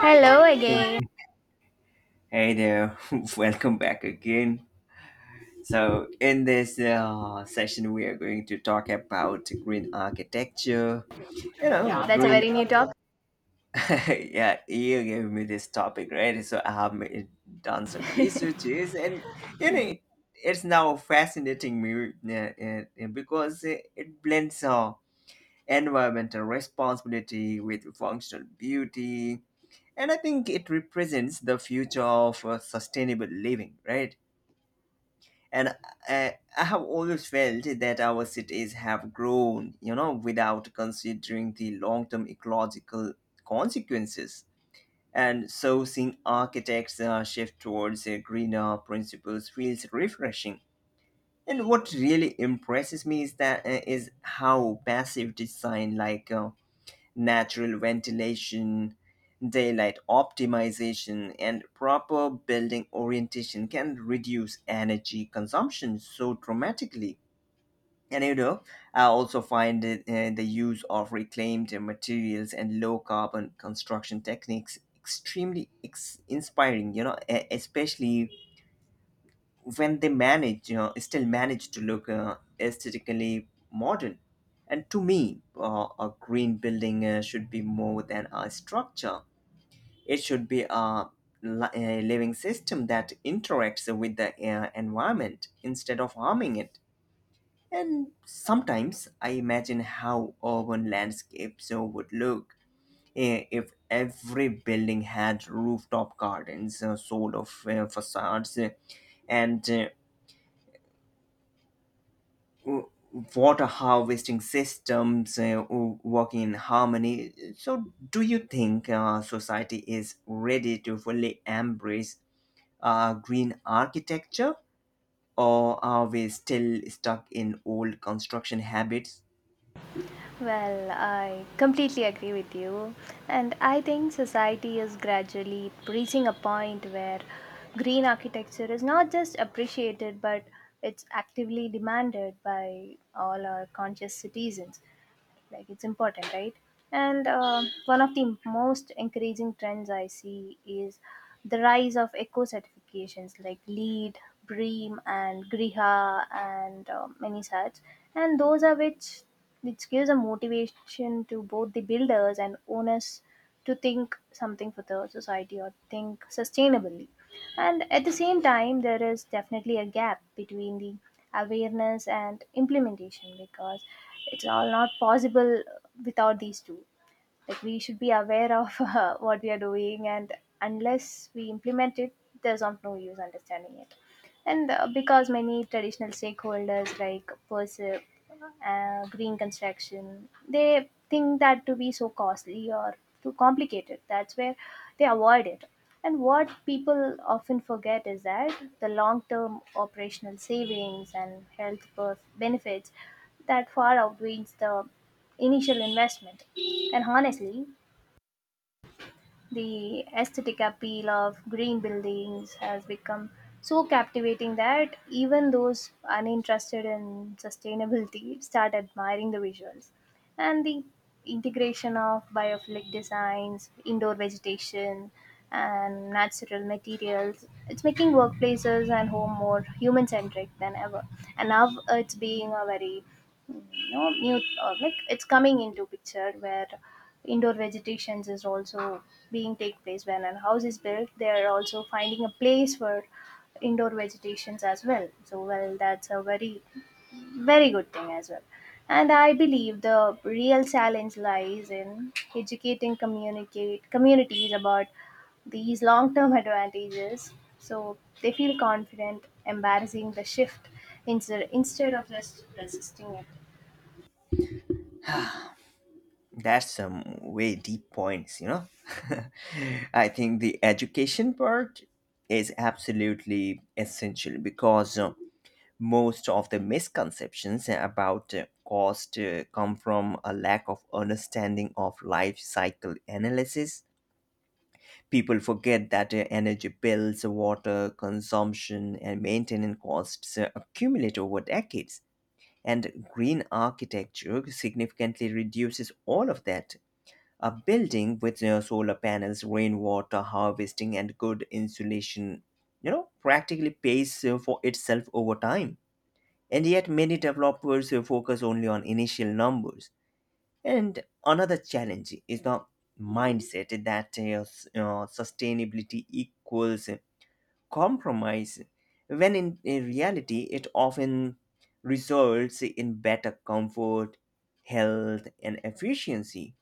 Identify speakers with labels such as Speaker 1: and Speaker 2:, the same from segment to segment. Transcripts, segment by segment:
Speaker 1: Hello
Speaker 2: Yeah.
Speaker 1: again.
Speaker 2: Hey there, welcome back again. So, in this session, we are going to talk about green architecture. You know,
Speaker 1: Oh, that's a
Speaker 2: green.
Speaker 1: very new talk.
Speaker 2: Yeah, you gave me this topic, right? So, done some researches, and you know, it, it's now fascinating me because it blends environmental responsibility with functional beauty, and I think it represents the future of sustainable living, right? And I have always felt that our cities have grown without considering the long-term ecological consequences, and so seeing architects shift towards greener principles feels refreshing. And what really impresses me is that is how passive design, like natural ventilation, daylight optimization, and proper building orientation, can reduce energy consumption so dramatically. And you know, I also find the use of reclaimed materials and low carbon construction techniques extremely inspiring. You know, especially when they manage to look aesthetically modern. And to me a green building should be more than a structure. It should be a living system that interacts with the environment instead of harming it. And sometimes I imagine how urban landscapes would look if every building had rooftop gardens, solar facades, and uh, w- water harvesting systems working in harmony. So, do you think society is ready to fully embrace green architecture, or are we still stuck in old construction habits?
Speaker 1: Well, I completely agree with you. And I think society is gradually reaching a point where green architecture is not just appreciated but it's actively demanded by all our conscious citizens. Like, it's important, right? And one of the most encouraging trends I see is the rise of eco certifications like LEED, BREEAM, and griha, and many such. And those are which gives a motivation to both the builders and owners to think something for the society or think sustainably. And at the same time, there is definitely a gap between the awareness and implementation because it's all not possible without these two. Like, we should be aware of what we are doing, and unless we implement it, there's of no use understanding it. And because many traditional stakeholders like PERSIP, green construction, they think that to be so costly or too complicated. That's where they avoid it. And what people often forget is that the long term operational savings and health birth benefits that far outweighs the initial investment. And honestly, the aesthetic appeal of green buildings has become so captivating that even those uninterested in sustainability start admiring the visuals. And the integration of biophilic designs, indoor vegetation, and natural materials, it's making workplaces and home more human centric than ever. And now it's being a very, no, new, like it's coming into picture where indoor vegetations is also being take place. When a house is built, they are also finding a place for indoor vegetations as well. So, well, that's a very, very good thing as well. And I believe the real challenge lies in educating communicate communities about these long-term advantages so they feel confident embarrassing the shift, instead of just resisting it.
Speaker 2: That's some way deep points, you know. I think the education part is absolutely essential because most of the misconceptions about cost come from a lack of understanding of life cycle analysis. People forget that energy bills, water consumption, and maintenance costs accumulate over decades. And green architecture significantly reduces all of that. A building with solar panels, rainwater harvesting, and good insulation, you know, practically pays for itself over time, and yet, many developers who focus only on initial numbers. And another challenge is the mindset that sustainability equals compromise, when in reality, it often results in better comfort, health, and efficiency.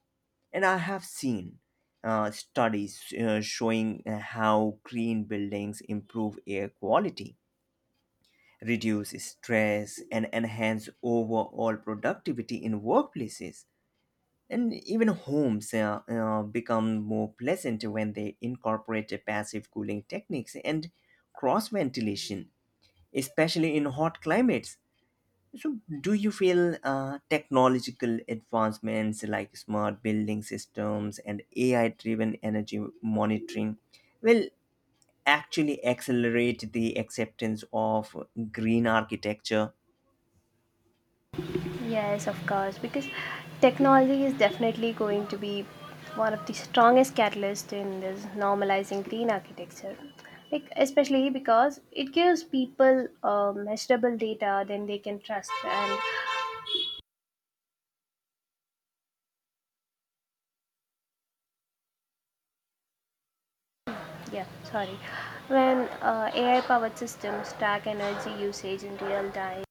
Speaker 2: And I have seen studies showing how green buildings improve air quality, reduce stress, and enhance overall productivity in workplaces, and even homes become more pleasant when they incorporate passive cooling techniques and cross ventilation, especially in hot climates. So, do you feel technological advancements like smart building systems and AI driven energy monitoring will actually accelerate the acceptance of green architecture?
Speaker 1: Yes, of course, because technology is definitely going to be one of the strongest catalysts in this normalizing green architecture. Like, especially because it gives people measurable data then they can trust. And yeah, sorry. When AI powered systems track energy usage in real time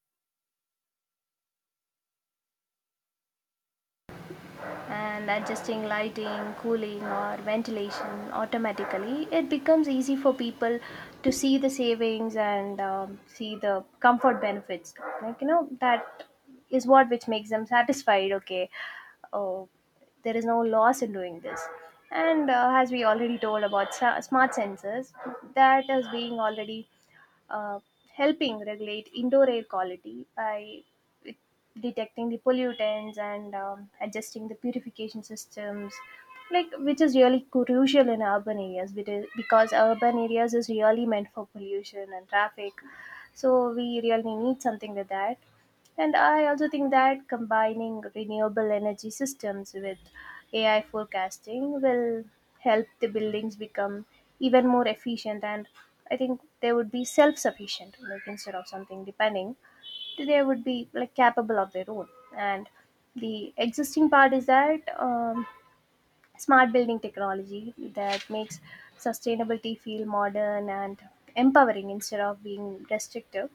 Speaker 1: and adjusting lighting, cooling, or ventilation automatically, it becomes easy for people to see the savings and see the comfort benefits. Like, that is what which makes them satisfied. Okay, oh, there is no loss in doing this. And as we already told about smart sensors, that is being already uh, helping regulate indoor air quality by detecting the pollutants and adjusting the purification systems, like which is really crucial in urban areas because urban areas is really meant for pollution and traffic, so we really need something with that. And I also think that combining renewable energy systems with AI forecasting will help the buildings become even more efficient. And I think they would be self sufficient, like instead of something depending, they would be like capable of their own. And the existing part is that smart building technology that makes sustainability feel modern and empowering instead of being restrictive.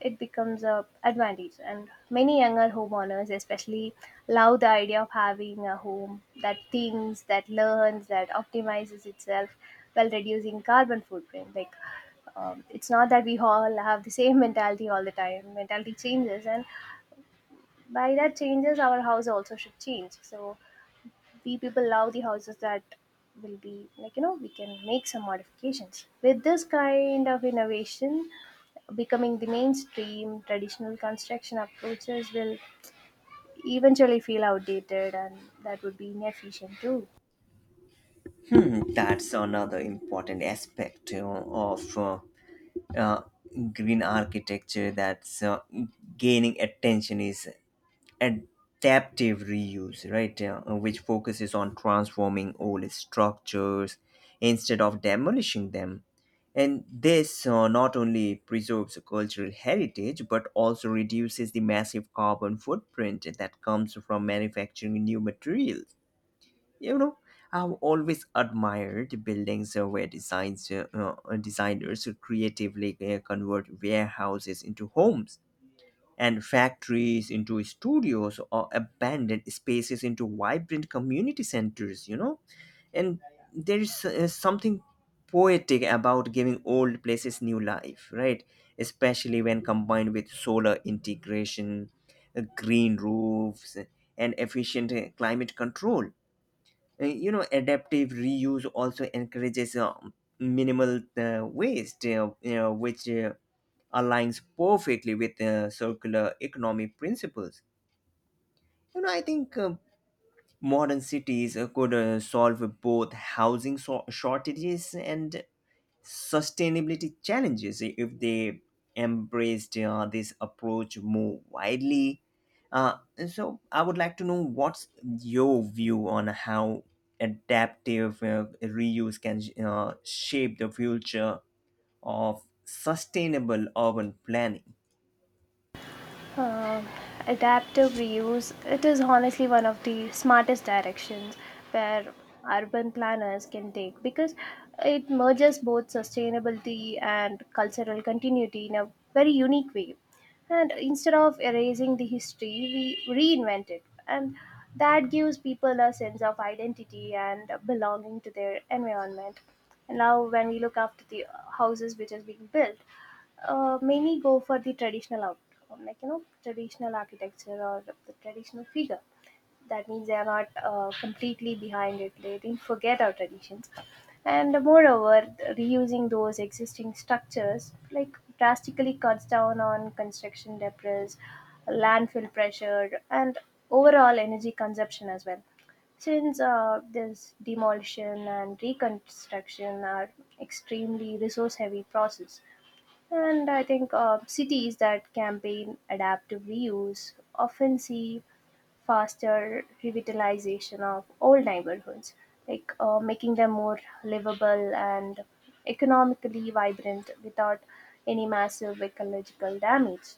Speaker 1: It becomes a advantage. And many younger homeowners especially love the idea of having a home that thinks, that learns, that optimizes itself while reducing carbon footprint. Like, it's not that we all have the same mentality all the time. Mentality changes, and by that changes, our house also should change. So, we people love the houses that will be like, we can make some modifications. With this kind of innovation becoming the mainstream, traditional construction approaches will eventually feel outdated, and that would be inefficient too.
Speaker 2: That's another important aspect, you know, of uh, green architecture. That's gaining attention is adaptive reuse, right? Which focuses on transforming old structures instead of demolishing them, and this not only preserves cultural heritage but also reduces the massive carbon footprint that comes from manufacturing new materials. You know, I've always admired buildings where designers creatively convert warehouses into homes and factories into studios or abandoned spaces into vibrant community centers, you know. And there is something poetic about giving old places new life, right? Especially when combined with solar integration, green roofs, and efficient climate control. You know, adaptive reuse also encourages minimal waste, you know, which aligns perfectly with circular economy principles. You know, I think modern cities could solve both housing shortages and sustainability challenges if they embraced this approach more widely. Uh, so, I would like to know what's your view on how adaptive reuse can shape the future of sustainable urban planning.
Speaker 1: Um Adaptive reuse, it is honestly one of the smartest directions where urban planners can take, because it merges both sustainability and cultural continuity in a very unique way. And instead of erasing the history, we reinvent it. And that gives people a sense of identity and belonging to their environment. And now, when we look after the houses which is being built, many go for the traditional out, like traditional architecture or the traditional figure. That means they are not completely behind it. They didn't forget our traditions. And moreover, reusing those existing structures, like, drastically cuts down on construction debris, landfill pressure, and overall energy consumption as well, since this demolition and reconstruction are extremely resource heavy process. And I think cities that campaign adaptive reuse often see faster revitalization of old neighborhoods, like, making them more livable and economically vibrant without any massive ecological damage.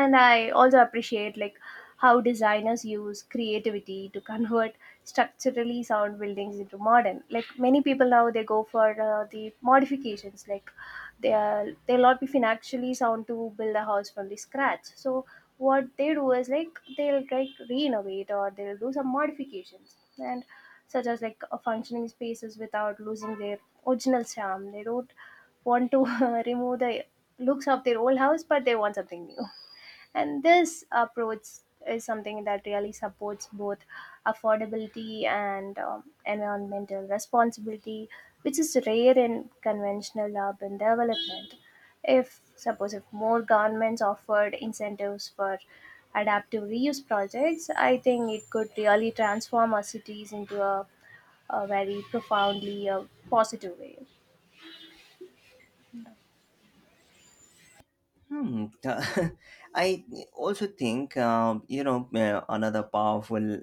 Speaker 1: And I also appreciate like how designers use creativity to convert structurally sound buildings into modern. Like, many people now, they go for the modifications, like they'll not be financially sound to build a house from the scratch. So what they do is, like, they'll like renovate or they'll do some modifications, and such as like functioning spaces without losing their original charm. They don't want to remove the looks of their old house, but they want something new. And this approach is something that really supports both affordability and environmental responsibility, which is rare in conventional urban development. If, suppose, if more governments offered incentives for adaptive reuse projects, I think it could really transform our cities into a very profoundly positive way.
Speaker 2: Hmm. I also think you know, another powerful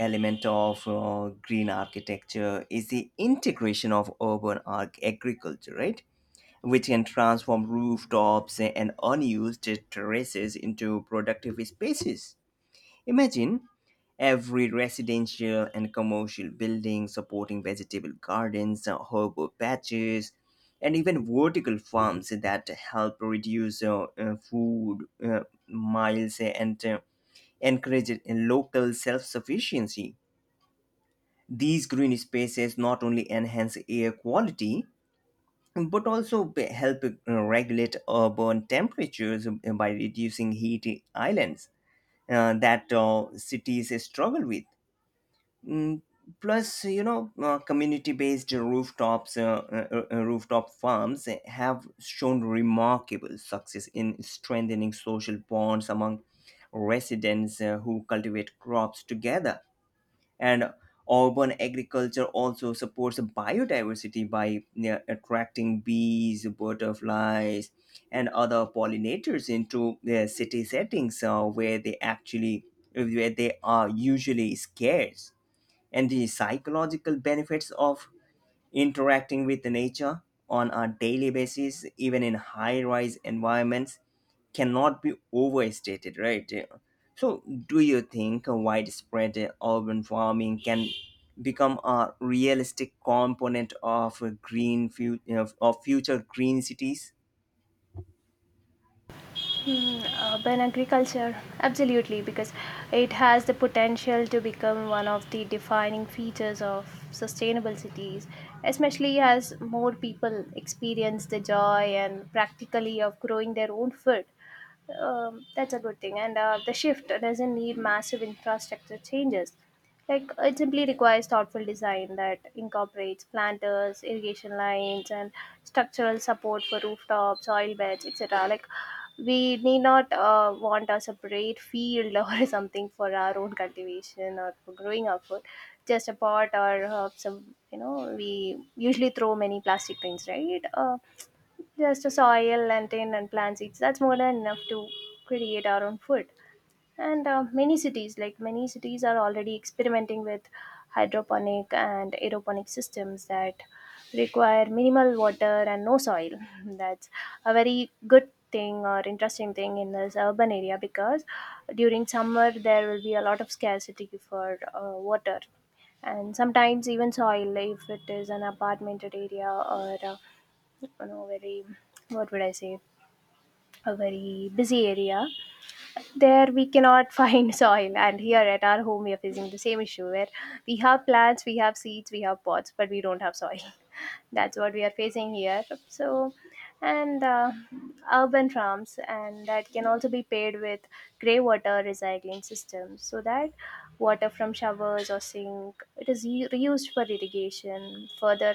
Speaker 2: element of green architecture is the integration of urban arc agriculture, right? Which can transform rooftops and unused terraces into productive spaces. Imagine every residential and commercial building supporting vegetable gardens, herbal patches, and even vertical farms that help reduce food miles and encourage local self sufficiency. These green spaces not only enhance air quality but also help regulate urban temperatures by reducing heat islands that cities struggle with. Mm, Plus, you know, community based rooftops, rooftop farms have shown remarkable success in strengthening social bonds among residents who cultivate crops together. And urban agriculture also supports biodiversity by attracting bees, butterflies, and other pollinators into city settings, where they are usually scarce. And the psychological benefits of interacting with nature on a daily basis, even in high rise environments, cannot be overstated, right? So, do you think widespread urban farming can become a realistic component of of future green cities?
Speaker 1: Hmm, urban agriculture, absolutely, because it has the potential to become one of the defining features of sustainable cities, especially as more people experience the joy and practically of growing their own food. That's a good thing. And the shift doesn't need massive infrastructure changes. Like, it simply requires thoughtful design that incorporates planters, irrigation lines, and structural support for rooftops, soil beds, etc. Like, we need not want a separate field or something for our own cultivation or for growing our food. Just a pot or some, you know, we usually throw many plastic things, right? Just a soil and tin and plant seeds, that's more than enough to create our own food. And many cities are already experimenting with hydroponic and aeroponic systems that require minimal water and no soil. That's a very good thing or interesting thing in this urban area, because during summer there will be a lot of scarcity for water. And sometimes even soil, if it is an apartmented area or you know, very, what would I say, a very busy area. There we cannot find soil. And here at our home, we are facing the same issue where we have plants, we have seeds, we have pots, but we don't have soil. That's what we are facing here. So, and urban farms and that can also be paid with grey water recycling systems, so that water from showers or sink, it is reused for irrigation, further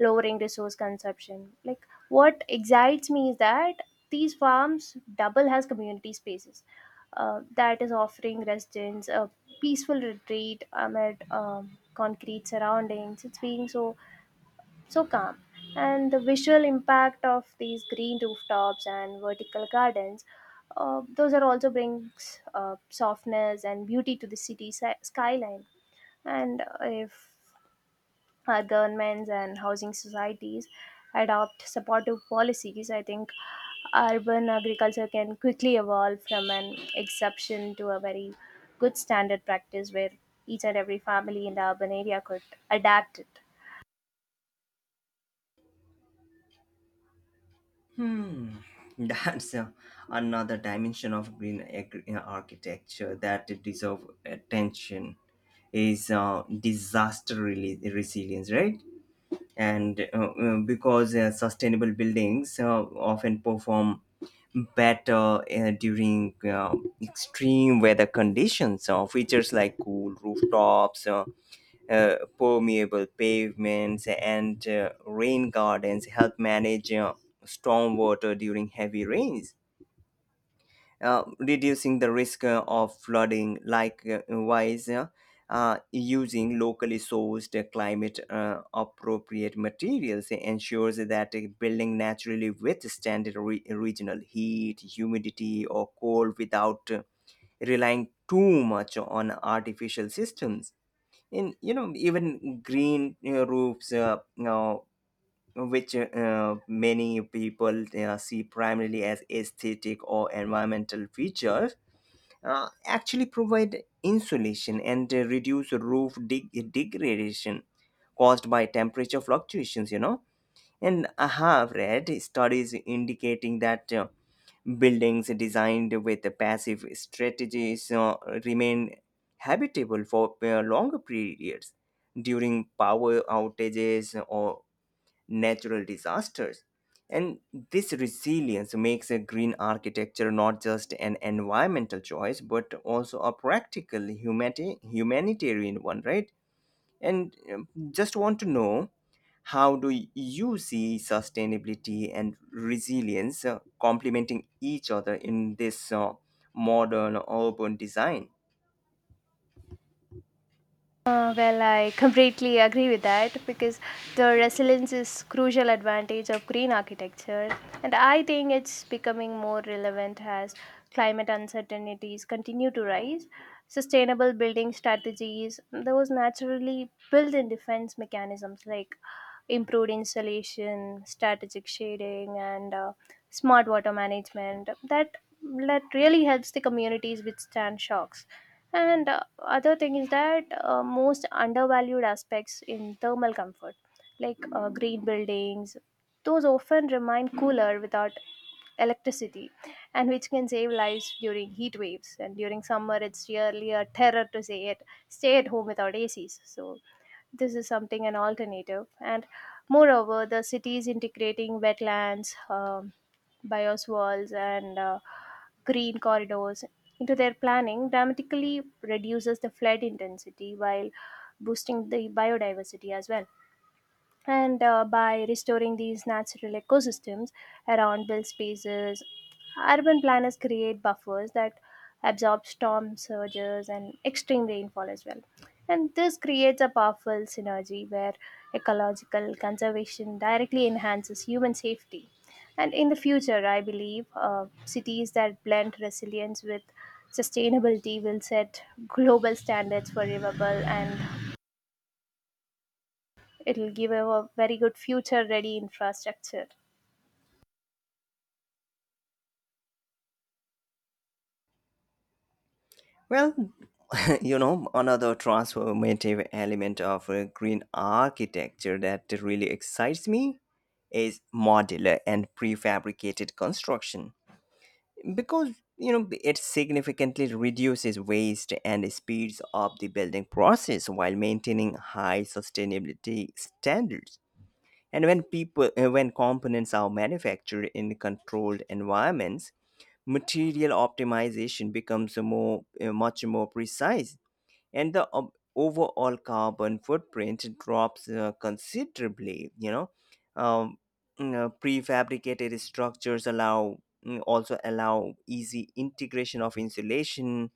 Speaker 1: lowering resource consumption. Like, what excites me is that these farms double as community spaces, that is offering residents a peaceful retreat amid concrete surroundings. It's being so, so calm. And the visual impact of these green rooftops and vertical gardens, those are also brings softness and beauty to the city skyline. And if our governments and housing societies adopt supportive policies, I think urban agriculture can quickly evolve from an exception to a very good standard practice, where each and every family in the urban area could adapt it.
Speaker 2: Hmm. That's another dimension of architecture that deserve attention is disaster resilience, right? And because sustainable buildings often perform better during extreme weather conditions. Features like cool rooftops, permeable pavements, and rain gardens help manage storm water during heavy rains, reducing the risk of flooding. Likewise, using locally sourced, climate appropriate materials ensures that a building naturally withstand regional heat, humidity, or cold without relying too much on artificial systems. In You know, even green roofs, you know, which many people see primarily as aesthetic or environmental features, actually provide insulation and reduce roof degradation caused by temperature fluctuations, you know. And I have read studies indicating that buildings designed with passive strategies remain habitable for longer periods during power outages or natural disasters. And this resilience makes a green architecture not just an environmental choice but also a practical humanitarian one, right? And just want to know how do you see sustainability and resilience complementing each other in this modern urban design?
Speaker 1: Well, I completely agree with that, because the resilience is crucial advantage of green architecture, and I think it's becoming more relevant as climate uncertainties continue to rise. Sustainable building strategies, those naturally built-in defense mechanisms like improved insulation, strategic shading, and smart water management that really helps the communities withstand shocks. And other thing is that most undervalued aspects in thermal comfort, like green buildings, those often remain cooler without electricity, and which can save lives during heat waves. And during summer, it's really a terror to say it, stay at home without ACs. So, this is something an alternative. And moreover, the city is integrating wetlands, bios walls, and green corridors into their planning, dramatically reduces the flood intensity while boosting the biodiversity as well. And by restoring these natural ecosystems around built spaces, urban planners create buffers that absorb storm surges and extreme rainfall as well. And this creates a powerful synergy where ecological conservation directly enhances human safety. And in the future, I believe cities that blend resilience with sustainability will set global standards for livable, and it'll give a very good future ready infrastructure.
Speaker 2: Well, you know, another transformative element of green architecture that really excites me is modular and prefabricated construction, because you know it significantly reduces waste and speeds up the building process while maintaining high sustainability standards. And when components are manufactured in controlled environments, material optimization becomes a more much more precise, and the overall carbon footprint drops considerably, you know. um, you know, prefabricated structures allow, also allow easy integration of insulation,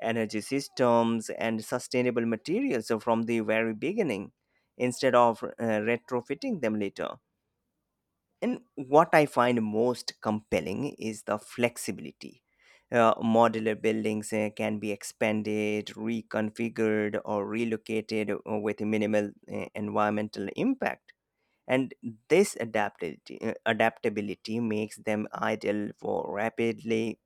Speaker 2: energy systems, and sustainable materials from the very beginning instead of retrofitting them later. And what I find most compelling is the flexibility. Modular buildings can be expanded, reconfigured, or relocated with minimal environmental impact. And this adaptability makes them ideal for rapidly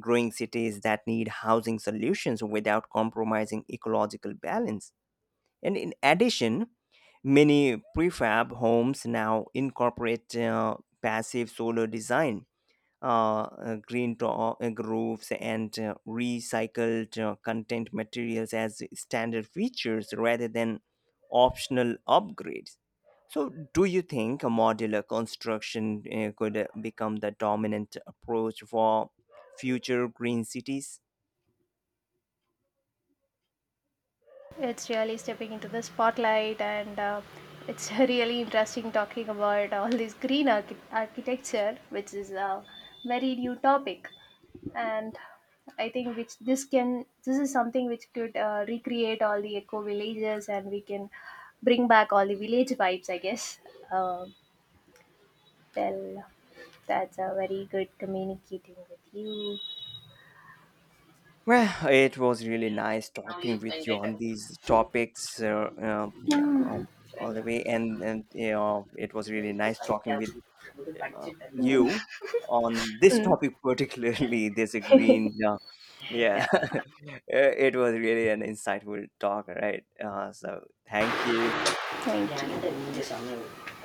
Speaker 2: growing cities that need housing solutions without compromising ecological balance. And in addition, many prefab homes now incorporate passive solar design, roofs, and recycled content materials as standard features rather than optional upgrades. So, do you think a modular construction could become the dominant approach for future green cities?
Speaker 1: It's really stepping into the spotlight, and it's really interesting talking about all this green architecture, which is a very new topic. And I think which this can this is something which could recreate all the eco villages, and we can bring back all the village vibes, I guess. Uh, well, that's a very good communicating with you.
Speaker 2: Well, it was really nice talking with you on these topics um, all the way, and you know, it was really nice talking with you on this
Speaker 1: Mm.
Speaker 2: topic, particularly this green. Yeah, it was really an insightful talk, right? So, thank you.
Speaker 1: 对。